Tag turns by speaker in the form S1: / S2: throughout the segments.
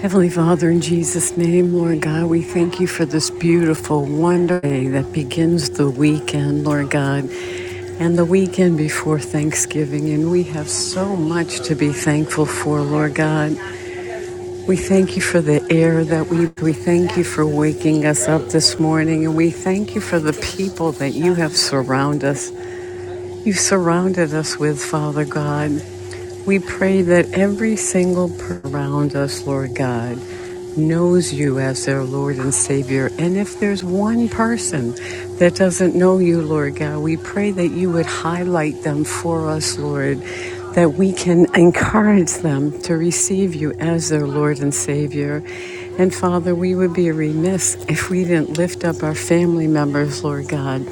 S1: Heavenly Father, in Jesus' name, Lord God, we thank you for this beautiful, wonderful day that begins the weekend, Lord God, and the weekend before Thanksgiving. And we have so much to be thankful for, Lord God. We thank you for the air that we, we thank you for waking us up this morning, and we thank you for the people that you have surrounded us. You've surrounded us with, Father God. We pray that every single person around us, Lord God, knows you as their Lord and Savior. And if there's one person that doesn't know you, Lord God, we pray that you would highlight them for us, Lord, that we can encourage them to receive you as their Lord and Savior. And Father, we would be remiss if we didn't lift up our family members, Lord God,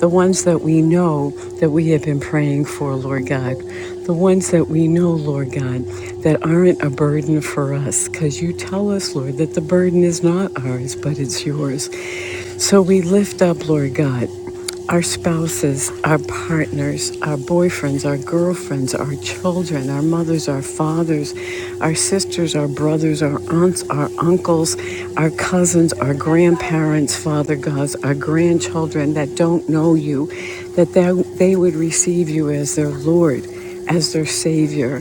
S1: the ones that we know that we have been praying for, Lord God, the ones that we know, Lord God, that aren't a burden for us, because you tell us, Lord, that the burden is not ours, but it's yours. So we lift up, Lord God our spouses, our partners, our boyfriends, our girlfriends, our children, our mothers, our fathers, our sisters, our brothers, our aunts, our uncles, our cousins, our grandparents, Father God, our grandchildren that don't know you, that they, they would receive you as their Lord as their Savior.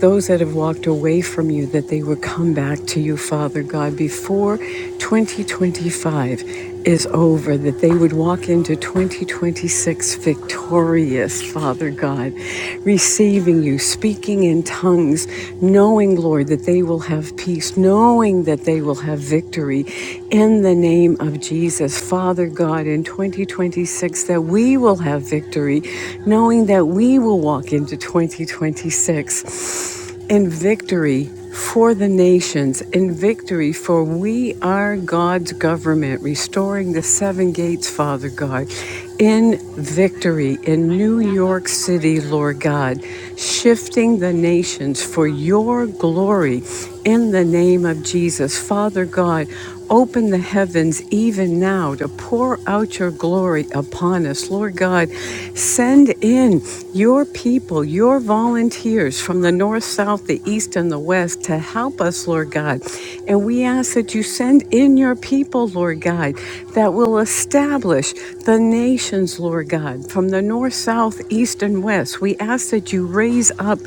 S1: Those that have walked away from you, that they would come back to you, Father God, before 2025 is over, that they would walk into 2026 victorious, Father God, receiving you, speaking in tongues, knowing, Lord, that they will have peace, knowing that they will have victory in the name of Jesus. Father God, in 2026, that we will have victory, knowing that we will walk into 2026 and victory for the nations, and victory for we are God's government, restoring the seven gates, Father God, in victory in New York City, Lord God, shifting the nations for your glory in the name of Jesus. Father God, Open the heavens even now to pour out your glory upon us. Lord God, send in your people, your volunteers from the north, south, the east, and the west to help us, Lord God. And we ask that you send in your people, Lord God, that will establish the nations, Lord God, from the north, south, east, and west. We ask that you raise up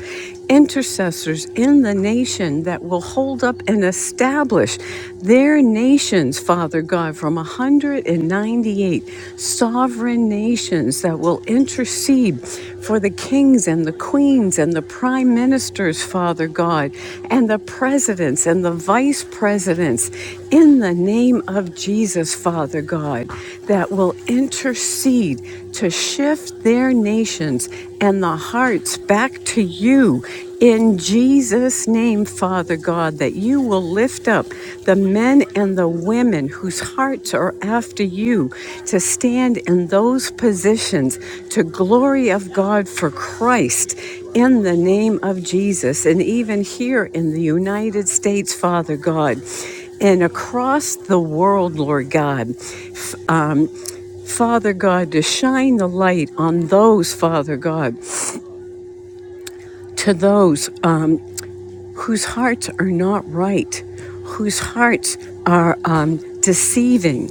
S1: intercessors in the nation that will hold up and establish their nations, Father God, from 198 sovereign nations that will intercede for the kings and the queens and the prime ministers, Father God, and the presidents and the vice presidents in the name of Jesus, Father God, that will intercede to shift their nations and the hearts back back to you in Jesus' name, Father God, that you will lift up the men and the women whose hearts are after you to stand in those positions to glory of God for Christ in the name of Jesus. And even here in the United States, Father God, and across the world, Lord God, f- um, Father God, to shine the light on those, Father God, to those um, whose hearts are not right, whose hearts are um, deceiving,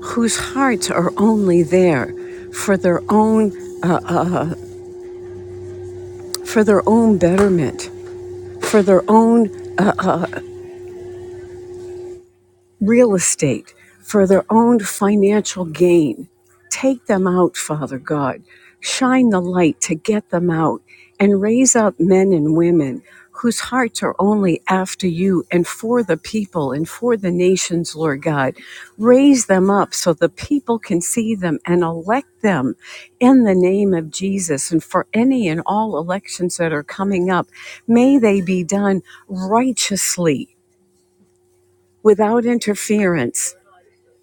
S1: whose hearts are only there for their own uh, for their own betterment, for their own real estate for their own financial gain. Take them out, Father God. Shine the light to get them out and raise up men and women whose hearts are only after you and for the people and for the nations, Lord God. Raise them up so the people can see them and elect them in the name of Jesus. And for any and all elections that are coming up, may they be done righteously without interference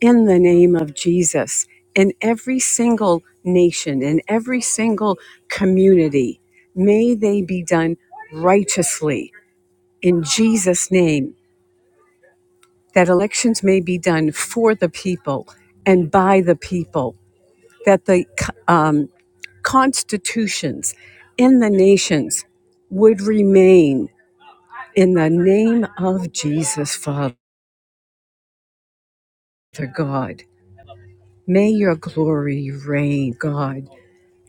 S1: in the name of Jesus in every single nation, in every single community. May they be done righteously in Jesus' name, that elections may be done for the people and by the people, that the um, constitutions in the nations would remain in the name of Jesus, Father God. May your glory reign, God.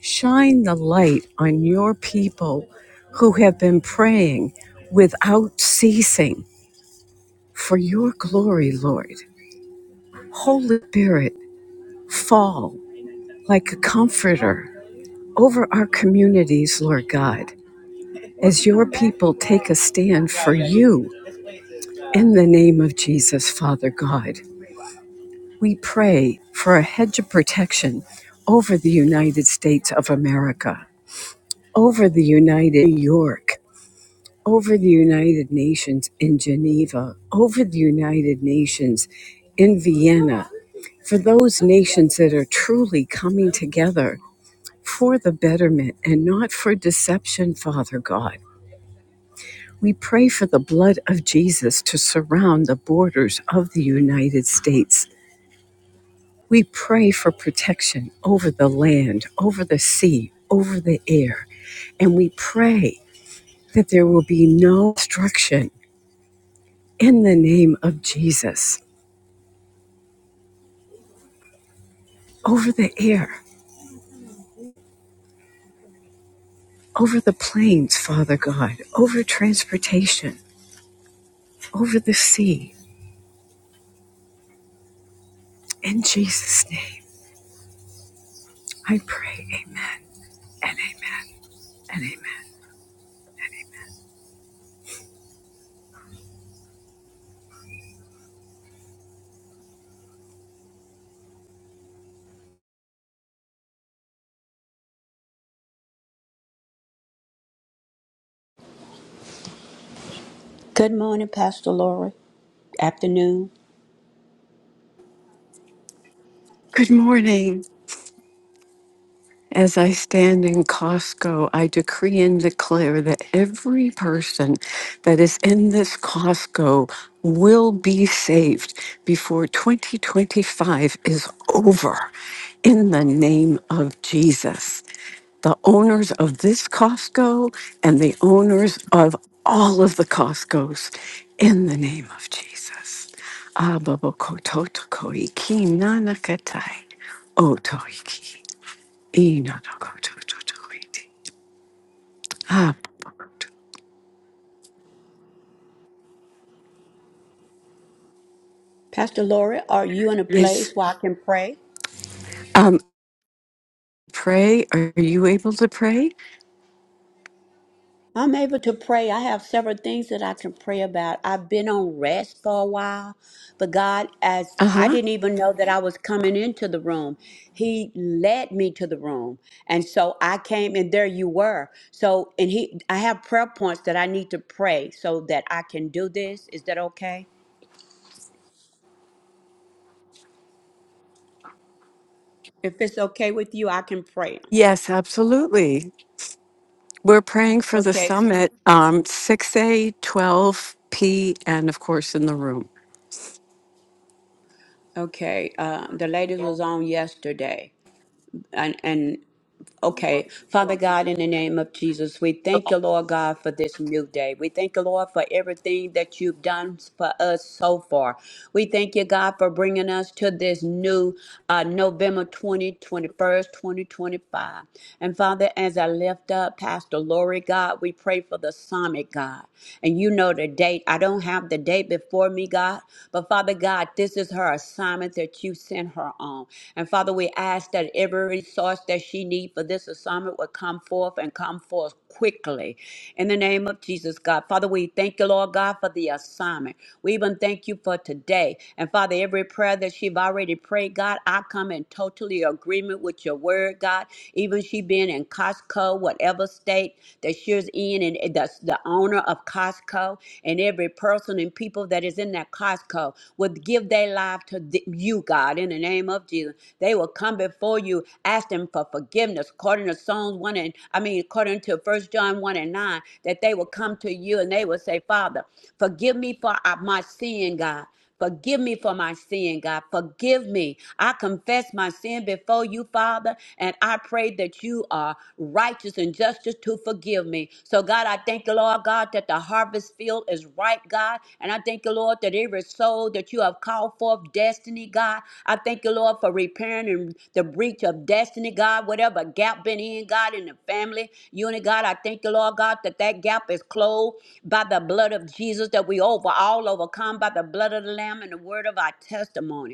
S1: Shine the light on your people who have been praying without ceasing for your glory, Lord. Holy Spirit, fall like a comforter over our communities, Lord God, as your people take a stand for you in the name of Jesus, Father God. We pray for a hedge of protection over the United States of America, over the United New York, over the United Nations in Geneva, over the United Nations in Vienna, for those nations that are truly coming together for the betterment and not for deception, Father God. We pray for the blood of Jesus to surround the borders of the United States. We pray for protection over the land, over the sea, over the air. And we pray that there will be no destruction in the name of Jesus over the air, over the plains, Father God, over transportation, over the sea. In Jesus' name, I pray. Amen and amen.
S2: Good morning, Pastor Lori. Afternoon.
S1: Good morning. As I stand in Costco, I decree and declare that every person that is in this Costco will be saved before 2025 is over in the name of Jesus. The owners of this Costco and the owners of all of the Costcos in the name of Jesus. Abba, Boko, Totoko, Iki, Nanakatai, Otoiki. Ah,
S2: Pastor Lori, are you in a place
S1: Yes.
S2: where I can pray?
S1: Um, pray. Are you able to pray?
S2: I'm able to pray. I have several things that I can pray about. I've been on rest for a while, but God, as
S1: Uh
S2: I
S1: huh.
S2: didn't even know that I was coming into the room, He led me to the room. And so I came and there you were. So, and He, I have prayer points that I need to pray so that I can do this. Is that okay? If it's okay with you, I can pray.
S1: Yes, absolutely. We're praying for the
S2: Okay.
S1: summit, um, 6 a, 12 p, and of course in the room.
S2: Okay, uh, the ladies was on yesterday, and and okay, Father God, in the name of Jesus, we thank you, Lord God, for this new day. We thank you, Lord, for everything that you've done for us so far. We thank you, God, for bringing us to this new uh, November twentieth, twenty-first, 20, 21st, 2025. And Father, as I lift up Pastor Lori, God, we pray for the summit, God. And you know the date. I don't have the date before me, God, but Father God, this is her assignment that you sent her on. And Father, we ask that every resource that she needs for this assignment will come forth and come forth quickly. In the name of Jesus, God. Father, we thank you, Lord God, for the assignment. We even thank you for today. And Father, every prayer that she've already prayed, God, I come in totally agreement with your word, God. Even she being in Costco, whatever state that she's in, and that's the owner of Costco. Costco, and every person and people that is in that Costco would give their life to th- you, God, in the name of Jesus. They will come before you, asking for forgiveness, according to Psalms 1 and, I mean, according to First John 1 and 9, that they will come to you and they will say, Father, forgive me for uh, my sin, God. Forgive me for my sin, God. Forgive me. I confess my sin before you, Father, and I pray that you are righteous and just to forgive me. So, God, I thank you, Lord God, that the harvest field is ripe, God. And I thank you, Lord, that every soul that you have called call forth destiny, God. I thank you, Lord, for repairing and the breach of destiny, God. Whatever gap been in, God, in the family unit, God. I thank you, Lord, God, that that gap is closed by the blood of Jesus, that we over all overcome by the blood of the Lamb and the word of our testimony.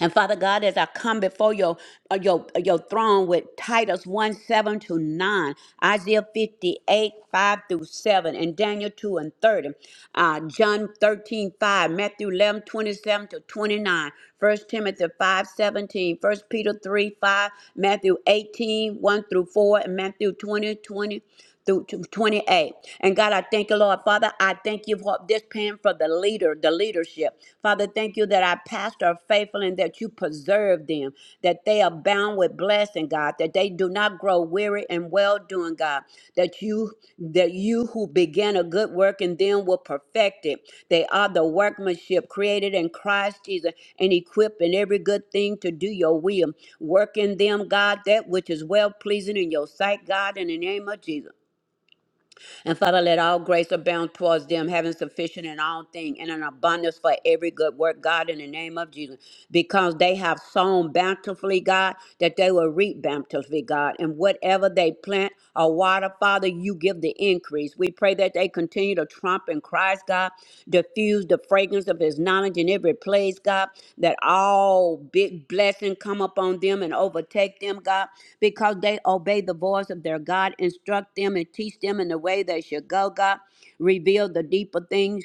S2: And Father God, as I come before your uh, your uh, your throne with Titus 1 7 to 9, Isaiah 58 5 through 7, and Daniel 2 and 30, uh, John 13 5, Matthew 11 27 to 29, First Timothy 5 17, First Peter 3 5, Matthew eighteen one through 4, and Matthew 20 20 through to 28. And God, I thank you, Lord. Father, I thank you for this pen for the leader, the leadership. Father, thank you that our pastor are faithful and that you preserve them, that they are bound with blessing, God, that they do not grow weary and well doing, God, that you that you who began a good work in them will perfect it. They are the workmanship created in Christ Jesus and equipped in every good thing to do your will. Work in them, God, that which is well pleasing in your sight, God, in the name of Jesus. And Father, let all grace abound towards them, having sufficient in all things and an abundance for every good work, God, in the name of Jesus because they have sown bountifully, God, that they will reap bountifully, God. And whatever they plant or water, Father, you give the increase. We pray that they continue to trump in Christ, God, diffuse the fragrance of his knowledge in every place, God, that all big blessing come upon them and overtake them, God, because they obey the voice of their God. Instruct them and teach them in the way they should go, God. Reveal the deeper things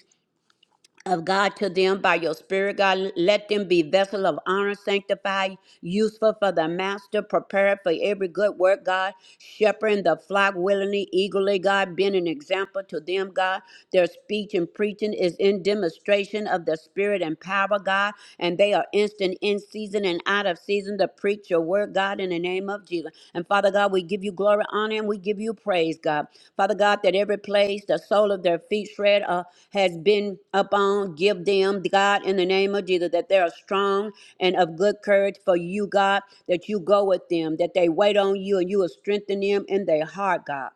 S2: of God to them by your spirit, God. Let them be vessel of honor, sanctified, useful for the master, prepared for every good work, God. Shepherding the flock willingly, eagerly, God, being an example to them, God. Their speech and preaching is in demonstration of the spirit and power, God, and they are instant in season and out of season season to preach your word, God, in the name of Jesus. And Father God, we give you glory, honor, and we give you praise, God. Father God, that every place the sole of their feet shred uh, has been upon, give them, God, in the name of Jesus, that they are strong and of good courage for you, God, that you go with them, that they wait on you and you will strengthen them in their heart, God.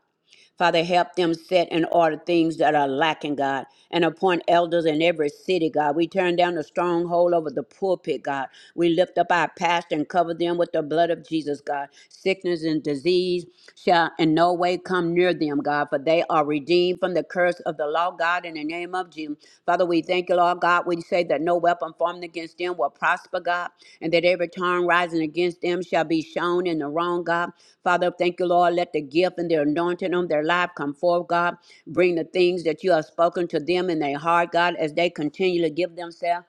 S2: Father, help them set in order things that are lacking, God, and appoint elders in every city, God. We turn down the stronghold over the pulpit, God. We lift up our pastor and cover them with the blood of Jesus, God. Sickness and disease shall in no way come near them, God, for they are redeemed from the curse of the law, God, in God, in the name of Jesus. Father, we thank you, Lord God. We say that no weapon formed against them will prosper, God, and that every tongue rising against them shall be shown in the wrong, God. Father, thank you, Lord. Let the gift and the anointing on their life come forth, God. Bring the things that you have spoken to them in their heart, God, as they continually give themselves.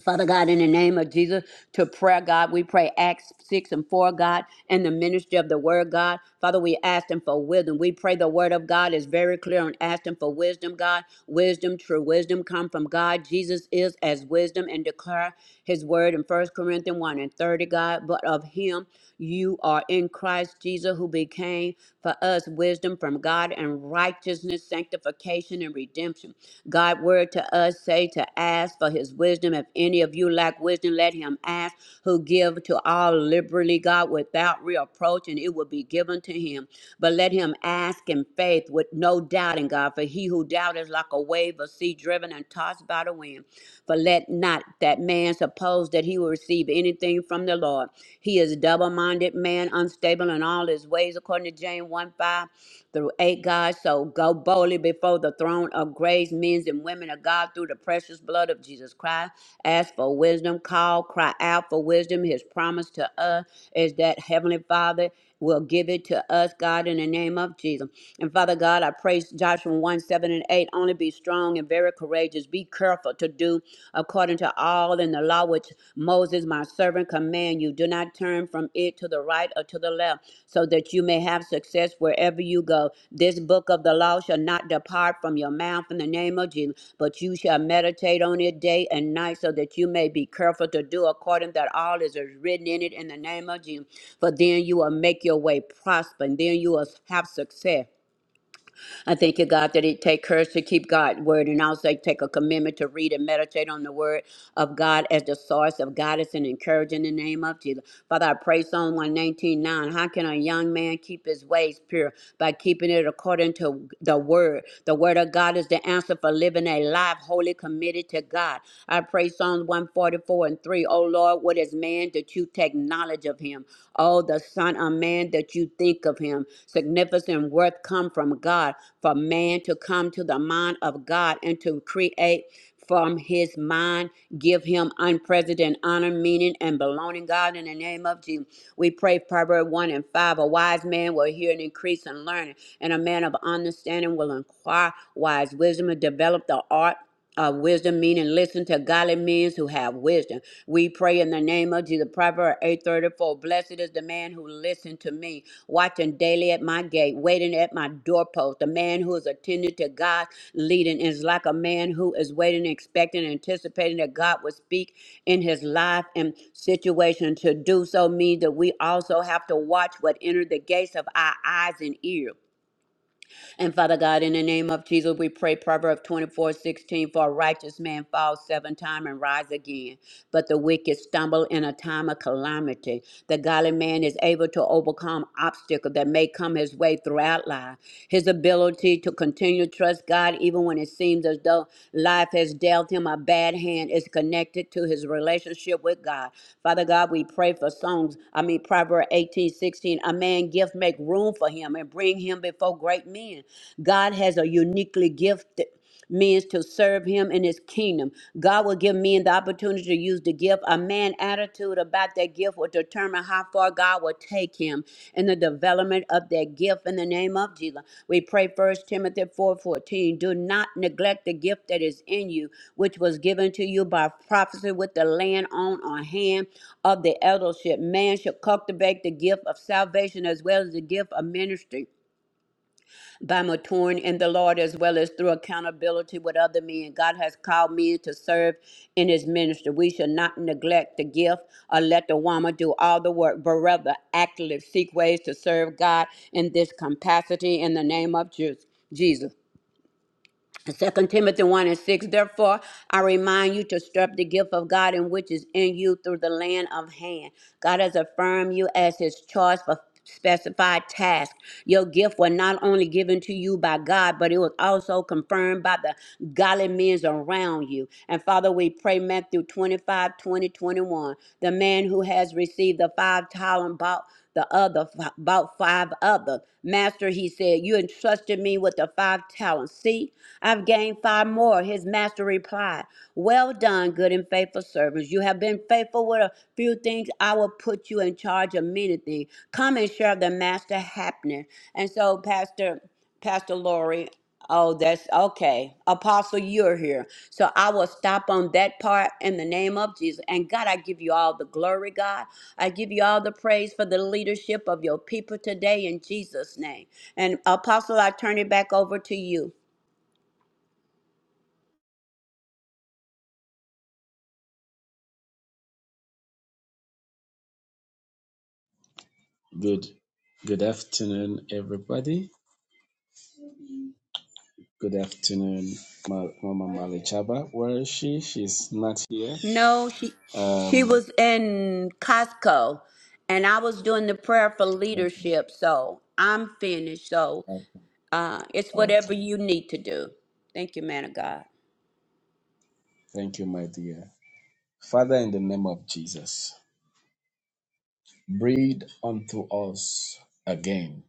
S2: Father God, in the name of Jesus, to prayer, God, we pray Acts 6 and 4, God, and the ministry of the word, God. Father, we ask them for wisdom. We pray the word of God is very clear and ask them for wisdom, God. Wisdom, true wisdom, come from God. Jesus is as wisdom and declare his word in First Corinthians 1 and 30, God. But of him you are in Christ Jesus, who became for us wisdom from God and righteousness, sanctification, and redemption. God word to us say to ask for his wisdom. If any of you lack wisdom, let him ask who give to all liberally, God, without reproach, and it will be given to him. But let him ask in faith with no doubting, God, for he who doubts is like a wave of sea driven and tossed by the wind. For let not that man suppose that he will receive anything from the Lord. He is a double minded man, unstable in all his ways, according to James 1 5 through 8. God, so go boldly before the throne of grace, men and women of God, through the precious blood of Jesus Christ. Ask for wisdom, call, cry out for wisdom. His promise to us is that Heavenly Father will give it to us, God, in the name of Jesus. And Father God, I praise Joshua 1 7 and 8. Only be strong and very courageous. Be careful to do according to all in the law which Moses, my servant, command you. Do not turn from it to the right or to the left, so that you may have success success wherever you go. This book of the law shall not depart from your mouth in the name of Jesus, but you shall meditate on it day and night so that you may be careful to do according that all is written in it in the name of Jesus. For then you will make your way prosper and then you will have success. I thank you, God, that it take courage to keep God's word, and also take a commitment to read and meditate on the word of God as the source of guidance and encouragement in the name of Jesus. Father, I pray Psalm one, nineteen, nine. How can a young man keep his ways pure? By keeping it according to the word. The word of God is that the answer for living a life wholly committed to God. I pray Psalms 144 and 3. Oh Lord, what is man that you take knowledge of him? Oh, the Son of Man that you think of him. Significant worth come from God for man to come to the mind of God and to create from his mind. Give him unprecedented honor, meaning, and belonging, God, in the name of Jesus. We pray Proverbs 1 and 5. A wise man will hear and increase in learning, and a man of understanding will inquire wise wisdom and develop the art of wisdom, meaning listen to godly men who have wisdom. We pray in the name of Jesus. Proverbs Proverbs 8:34. Blessed is the man who listened to me, watching daily at my gate, waiting at my doorpost. The man who is attending to God leading is like a man who is waiting, expecting, anticipating that God will speak in his life and situation. To do so means that we also have to watch what enter the gates of our eyes and ears. And Father God, in the name of Jesus, we pray Proverbs 24 16: for a righteous man falls seven times and rise again, but the wicked stumble in a time of calamity. The godly man is able to overcome obstacles that may come his way throughout life. His ability to continue to trust God, even when it seems as though life has dealt him a bad hand, is connected to his relationship with God. Father God, we pray for songs. I mean, Proverbs 18 16: A man gift make room for him and bring him before therefore great men. God has a uniquely gifted means to serve him in his kingdom. God will give men the opportunity to use the gift. A man's attitude about that gift will determine how far God will take him in the development of that gift in the name of Jesus. We pray first Timothy 4:14. Do not neglect the gift that is in you, which was given to you by prophecy with the land on or hand of the eldership. Man should cultivate the gift of salvation as well as the gift of ministry by maturing in the Lord as well as through accountability with other men. God has called men to serve in his ministry. We should not neglect the gift or let the woman do all the work, but rather actively seek ways to serve God in this capacity in the name of Ju- Jesus. Second Timothy 1 and 6, therefore I remind you to stir up the gift of God in which is in you through the land of hand. God has affirmed you as his choice for specified task. Your gift was not only given to you by God, but it was also confirmed by the godly men around you. And Father, we pray Matthew 25 20 21. The man who has received the five talent the other, about five other. Master, he said, you entrusted me with the five talents. See, I've gained five more. His master replied, well done, good and faithful servants. You have been faithful with a few things. I will put you in charge of many things. Come and share the master happening. And so, Pastor, Pastor Lori. Oh, that's okay. Apostle, you're here. So I will stop on that part in the name of Jesus. And God, I give you all the glory, God. I give you all the praise for the leadership of your people today in Jesus' name. And Apostle, I turn it back over to you.
S3: Good, good afternoon, everybody. Good afternoon, Ma- Mama Malichaba. Where is she? She's not here.
S2: No, she she
S3: Um,
S2: was in Costco and I was doing the prayer for leadership. So I'm finished. So uh, it's whatever
S3: okay.
S2: you need to do. Thank you, man of God.
S3: Thank you, my dear. Father, in the name of Jesus, breathe unto us again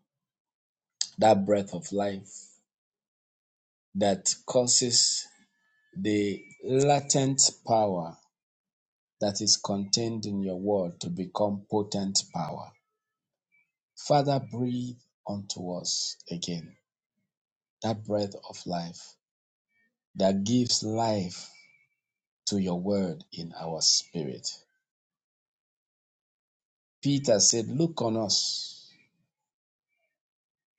S3: that breath of life that causes the latent power that is contained in your word to become potent power. Father, breathe unto us again that breath of life that gives life to your word in our spirit. Peter said, Look on us,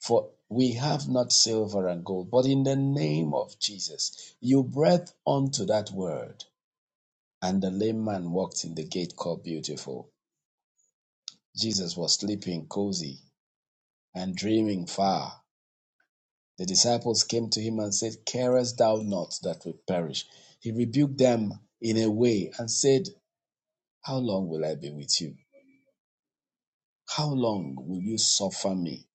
S3: for we have not silver and gold, but in the name of Jesus, you breathed onto that word. And the lame man walked in the gate called Beautiful. Jesus was sleeping cozy and dreaming far. The disciples came to him and said, Carest thou not that we perish? He rebuked them in a way and said, How long will I be with you? How long will you suffer me?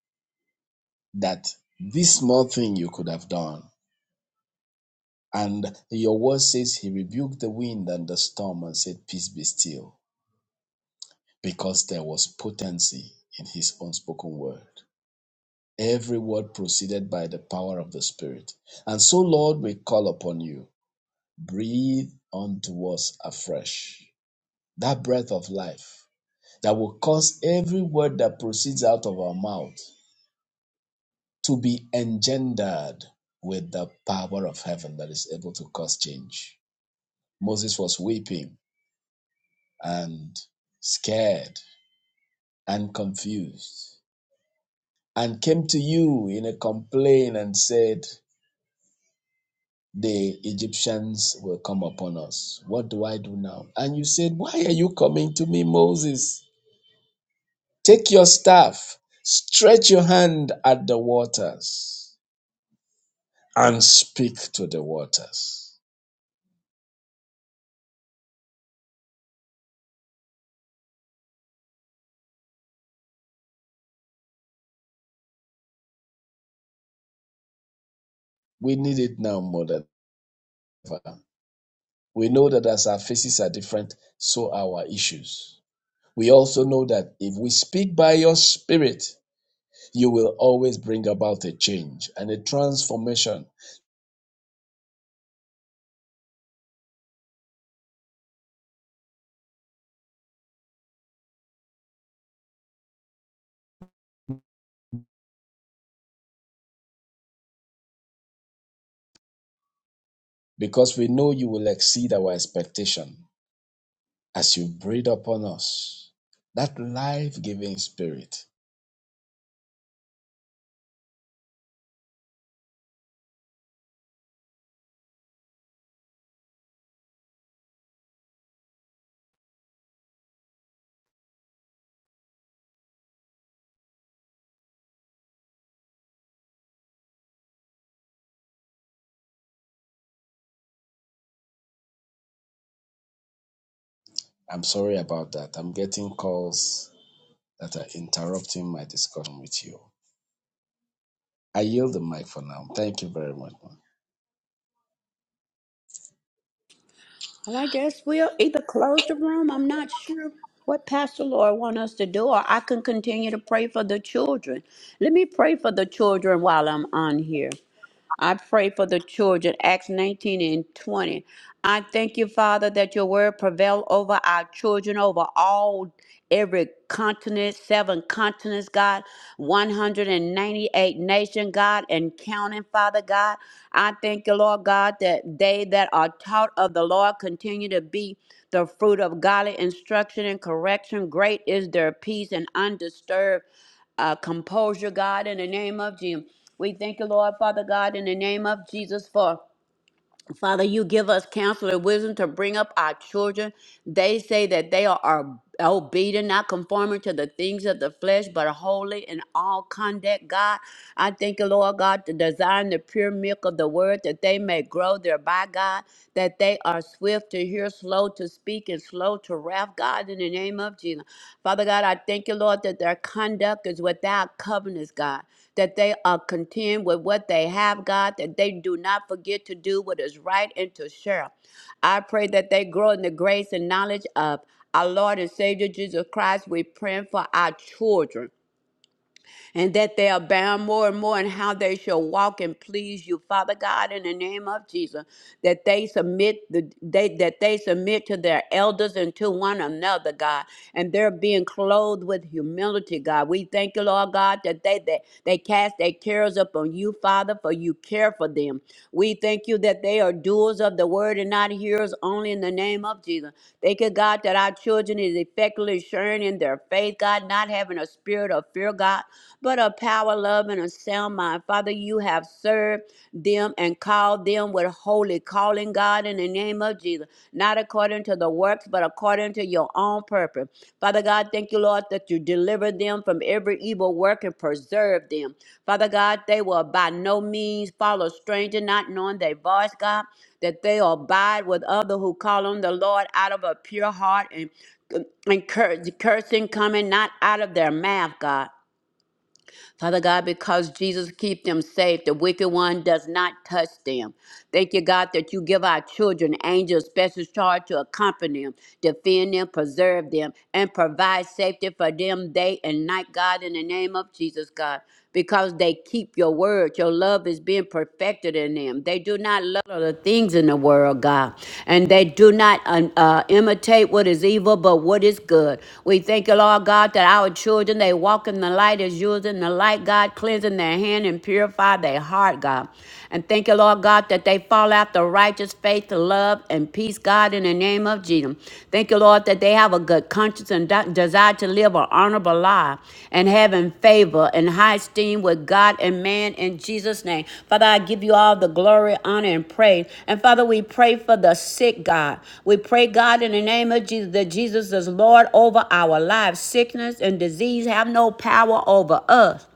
S3: That this small thing you could have done. And your word says he rebuked the wind and the storm and said, Peace be still, because there was potency in his unspoken word. Every word proceeded by the power of the Spirit. And so, Lord, we call upon you. Breathe unto us afresh that breath of life that will cause every word that proceeds out of our mouth to be engendered with the power of heaven that is able to cause change. Moses was weeping and scared and confused and came to you in a complaint and said, The Egyptians will come upon us. What do I do now? And you said, Why are you coming to me, Moses? Take your staff, stretch your hand at the waters, and speak to the waters. We need it now more than ever. We know that as our faces are different, so are our issues. We also know that if we speak by your spirit, you will always bring about a change and a transformation because we know you will exceed our expectation as you breathe upon us that life giving spirit. I'm sorry about that. I'm getting calls that are interrupting my discussion with you. I yield the mic for now. Thank you very much.
S2: Well, I guess we'll either close the room. I'm not sure what Pastor Laura want us to do, or I can continue to pray for the children. Let me pray for the children while I'm on here. I pray for the children, Acts 19 and 20. I thank you, Father, that your word prevail over our children, over all, every continent, seven continents, God, 198 nation, God, and counting, Father God. I thank you, Lord God, that they that are taught of the Lord continue to be the fruit of godly instruction and correction. Great is their peace and undisturbed uh, composure, God, in the name of Jesus. We thank you, Lord, Father God, in the name of Jesus, for Father, you give us counsel and wisdom to bring up our children. They say that they are, are obedient, not conforming to the things of the flesh, but holy in all conduct, God. I thank you, Lord God, to design the pure milk of the word that they may grow thereby, God, that they are swift to hear, slow to speak, and slow to wrath, God, in the name of Jesus. Father God, I thank you, Lord, that their conduct is without covenants, God that they are content with what they have, God, that they do not forget to do what is right and to share. I pray that they grow in the grace and knowledge of our Lord and Savior Jesus Christ. We're praying for our children and that they abound more and more in how they shall walk and please you, Father God, in the name of Jesus, that they submit the they that they submit to their elders and to one another, God, and they're being clothed with humility, God. We thank you, Lord God, that they that they cast their cares upon you, Father, for you care for them. We thank you that they are doers of the word and not hearers only in the name of Jesus. Thank you, God, that our children is effectively sharing in their faith, God, not having a spirit of fear, God but of power, love, and a sound mind. Father, you have served them and called them with holy calling, God, in the name of Jesus, not according to the works, but according to your own purpose. Father God, thank you, Lord, that you deliver them from every evil work and preserve them. Father God, they will by no means follow stranger, not knowing their voice, God, that they abide with other who call on the Lord out of a pure heart and and cur- cursing coming not out of their mouth, God. Father God, because Jesus keep them safe. The wicked one does not touch them. Thank you, God, that you give our children angels special charge to accompany them, defend them, preserve them, and provide safety for them day and night, God, in the name of Jesus, God. Because they keep your word. Your love is being perfected in them. They do not love the things in the world, God. And they do not um, uh, imitate what is evil, but what is good. We thank you, Lord God, that our children, they walk in the light as yours in the light light, God, cleansing their hand and purify their heart, God. And thank you, Lord God, that they fall after righteous faith, love, and peace, God, in the name of Jesus. Thank you, Lord, that they have a good conscience and de- desire to live an honorable life and having favor and high esteem with God and man in Jesus' name. Father, I give you all the glory, honor, and praise. And Father, we pray for the sick, God. We pray, God, in the name of Jesus, that Jesus is Lord over our lives. Sickness and disease have no power over us.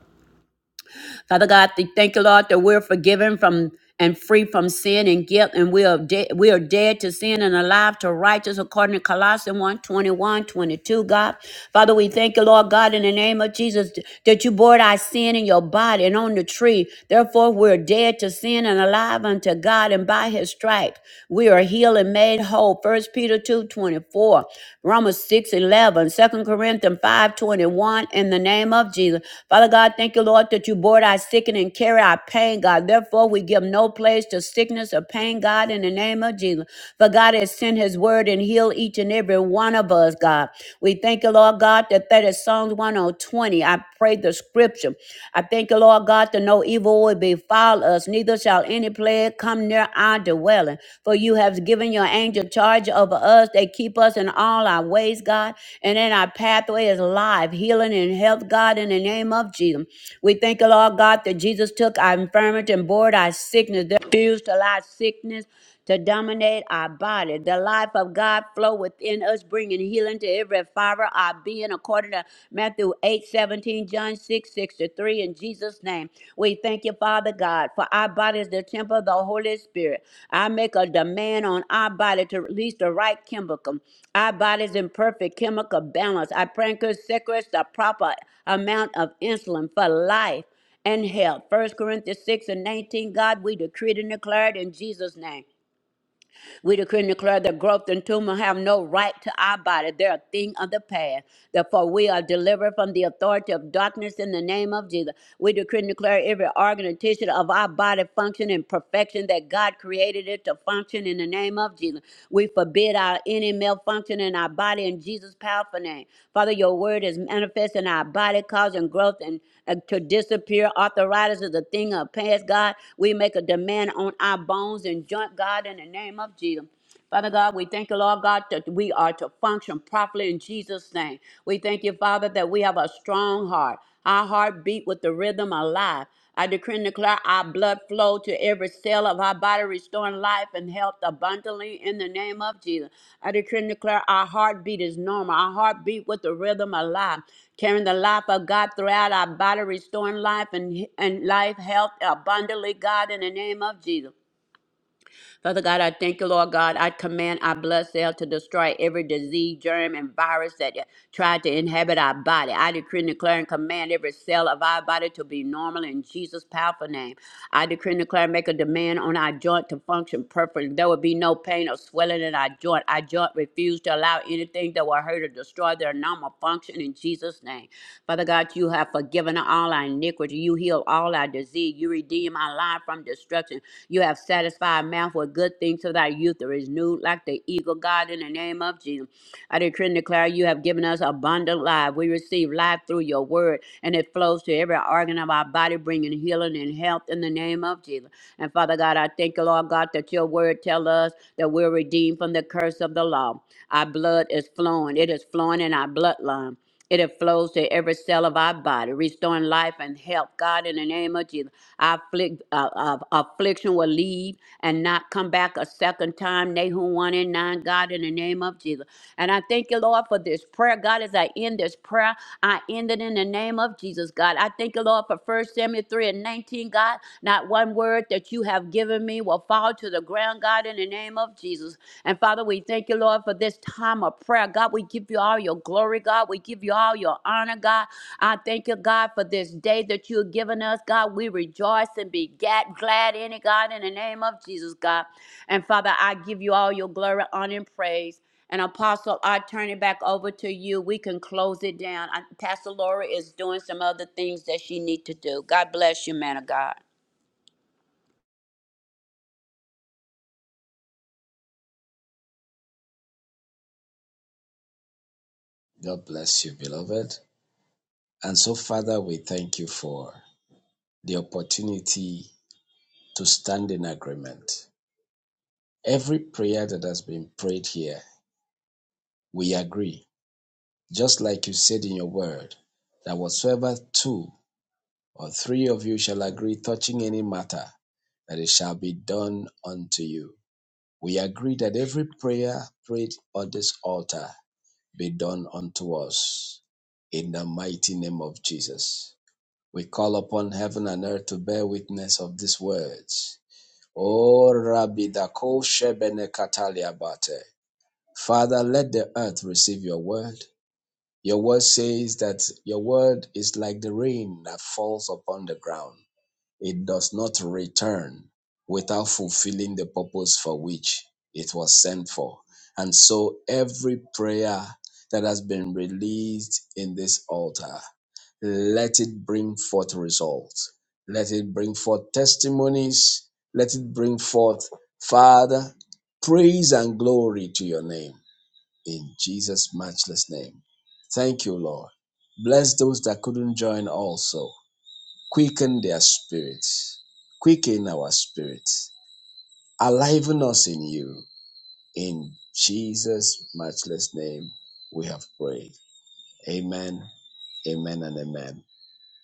S2: Father God, we thank you, Lord, that we're forgiven from and free from sin and guilt, and we are dead, we are dead to sin and alive to righteous, according to Colossians one twenty one twenty two. God. Father, we thank you, Lord God, in the name of Jesus, that you bore our sin in your body and on the tree. Therefore, we're dead to sin and alive unto God, and by his stripes we are healed and made whole. First Peter 2 24. Romans 6 11, Second Corinthians 5 21, in the name of Jesus. Father God, thank you, Lord, that you bore our sickness and carry our pain, God. Therefore, we give no place to sickness or pain, God, in the name of Jesus. For God has sent his word and healed each and every one of us, God. We thank you, Lord God, that that is Psalms 120. I pray the scripture. I thank you, Lord God, that no evil will befall us, neither neither shall any plague come near our dwelling. For you have given your angel charge over us. They keep us in all our ways, God. And in our pathway is life, healing, and health, God, in the name of Jesus. We thank you, Lord God, that Jesus took our infirmity and bore our sickness, They refused to lie sickness to dominate our body. The life of God flow within us, bringing healing to every fiber of our being, according to Matthew 8 17, John 6, 63, in Jesus' name. We thank you, Father God, for our body is the temple of the Holy Spirit. I make a demand on our body to release the right chemical. Our body's in perfect chemical balance. I pray and could secrets the proper amount of insulin for life and health. First Corinthians 6 and 19, God, we decree and declare it in Jesus' name. We decree and declare that growth and tumor have no right to our body. They're a thing of the past. Therefore, we are delivered from the authority of darkness in the name of Jesus. We decree and declare every organ and tissue of our body function in perfection that God created it to function in the name of name of Jesus. We forbid our any malfunction in our body in Jesus' powerful name. Father, your word is manifest in our body, causing growth and uh, to disappear. Arthritis is a thing of past, God. We make a demand on our bones and joint, God, in the name of Jesus. Father God, we thank you, Lord God, that we are to function properly in Jesus' name. We thank you, Father, that we have a strong heart. Our heart beat with the rhythm of life. I decree and declare our blood flow to every cell of our body, restoring life and health abundantly in the name of Jesus. I decree and declare our heartbeat is normal. Our heartbeat with the rhythm of life, carrying the life of God throughout our body, restoring life and, and life, health abundantly, God, in the name of Jesus. Father God, I thank you, Lord God. I command our blood cell to destroy every disease, germ, and virus that tried to inhabit our body. I decree and declare and command every cell of our body to be normal in Jesus' powerful name. I decree and declare and make a demand on our joint to function perfectly. There will be no pain or swelling in our joint. Our joint refuse to allow anything that will hurt or destroy their normal function in Jesus' name. Father God, you have forgiven all our iniquity. You heal all our disease. You redeem our life from destruction. You have satisfied mouth with good things so that youth are renewed like the eagle, God, in the name of Jesus. I decree and declare you have given us abundant life. We receive life through your word, and it flows to every organ of our body, bringing healing and health in the name of Jesus. And Father God, I thank you, Lord God, that your word tell us that we're redeemed from the curse of the law. Our blood is flowing. It is flowing in our bloodline. It flows to every cell of our body, restoring life and health. God, in the name of Jesus, our afflict, uh, uh, affliction will leave and not come back a second time. Nahum 1 and 9, God, in the name of Jesus. And I thank you, Lord, for this prayer. God, as I end this prayer, I end it in the name of Jesus, God. I thank you, Lord, for First Samuel 3 and 19, God. Not one word that you have given me will fall to the ground, God, in the name of Jesus. And Father, we thank you, Lord, for this time of prayer. God, we give you all your glory, God. We give you all your honor, God. I thank you, God, for this day that you have given us, God. We rejoice and be ga- glad in it, God, in the name of Jesus, God. And Father, I give you all your glory, honor, and praise. And Apostle, I turn it back over to you. We can close it down. I, Pastor Laura is doing some other things that she need to do. God bless you, man of God.
S3: God bless you, beloved. And so, Father, we thank you for the opportunity to stand in agreement. Every prayer that has been prayed here, we agree. Just like you said in your word, that whatsoever two or three of you shall agree touching any matter, that it shall be done unto you. We agree that every prayer prayed on this altar be done unto us in the mighty name of Jesus. We call upon heaven and earth to bear witness of these words O Rabbi Dako Shebene Katalia Bate. Father, let the earth receive your word. Your word says that your word is like the rain that falls upon the ground. It does not return without fulfilling the purpose for which it was sent for. And so every prayer that has been released in this altar, let it bring forth results. Let it bring forth testimonies. Let it bring forth, Father, praise and glory to your name in Jesus' matchless name. Thank you, Lord. Bless those that couldn't join also. Quicken their spirits. Quicken our spirits. Aliven us in you. In Jesus' matchless name, we have prayed. Amen, amen, and amen.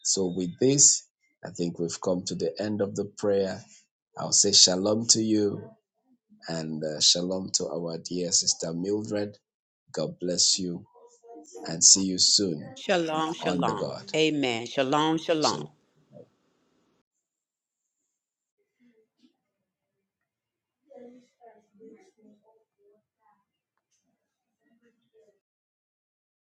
S3: So, with this, I think we've come to the end of the prayer. I'll say shalom to you and uh, shalom to our dear sister Mildred. God bless you and see you soon
S2: Shalom,
S3: on the
S2: shalom.
S3: God.
S2: Amen. Shalom, shalom.
S3: Shalom.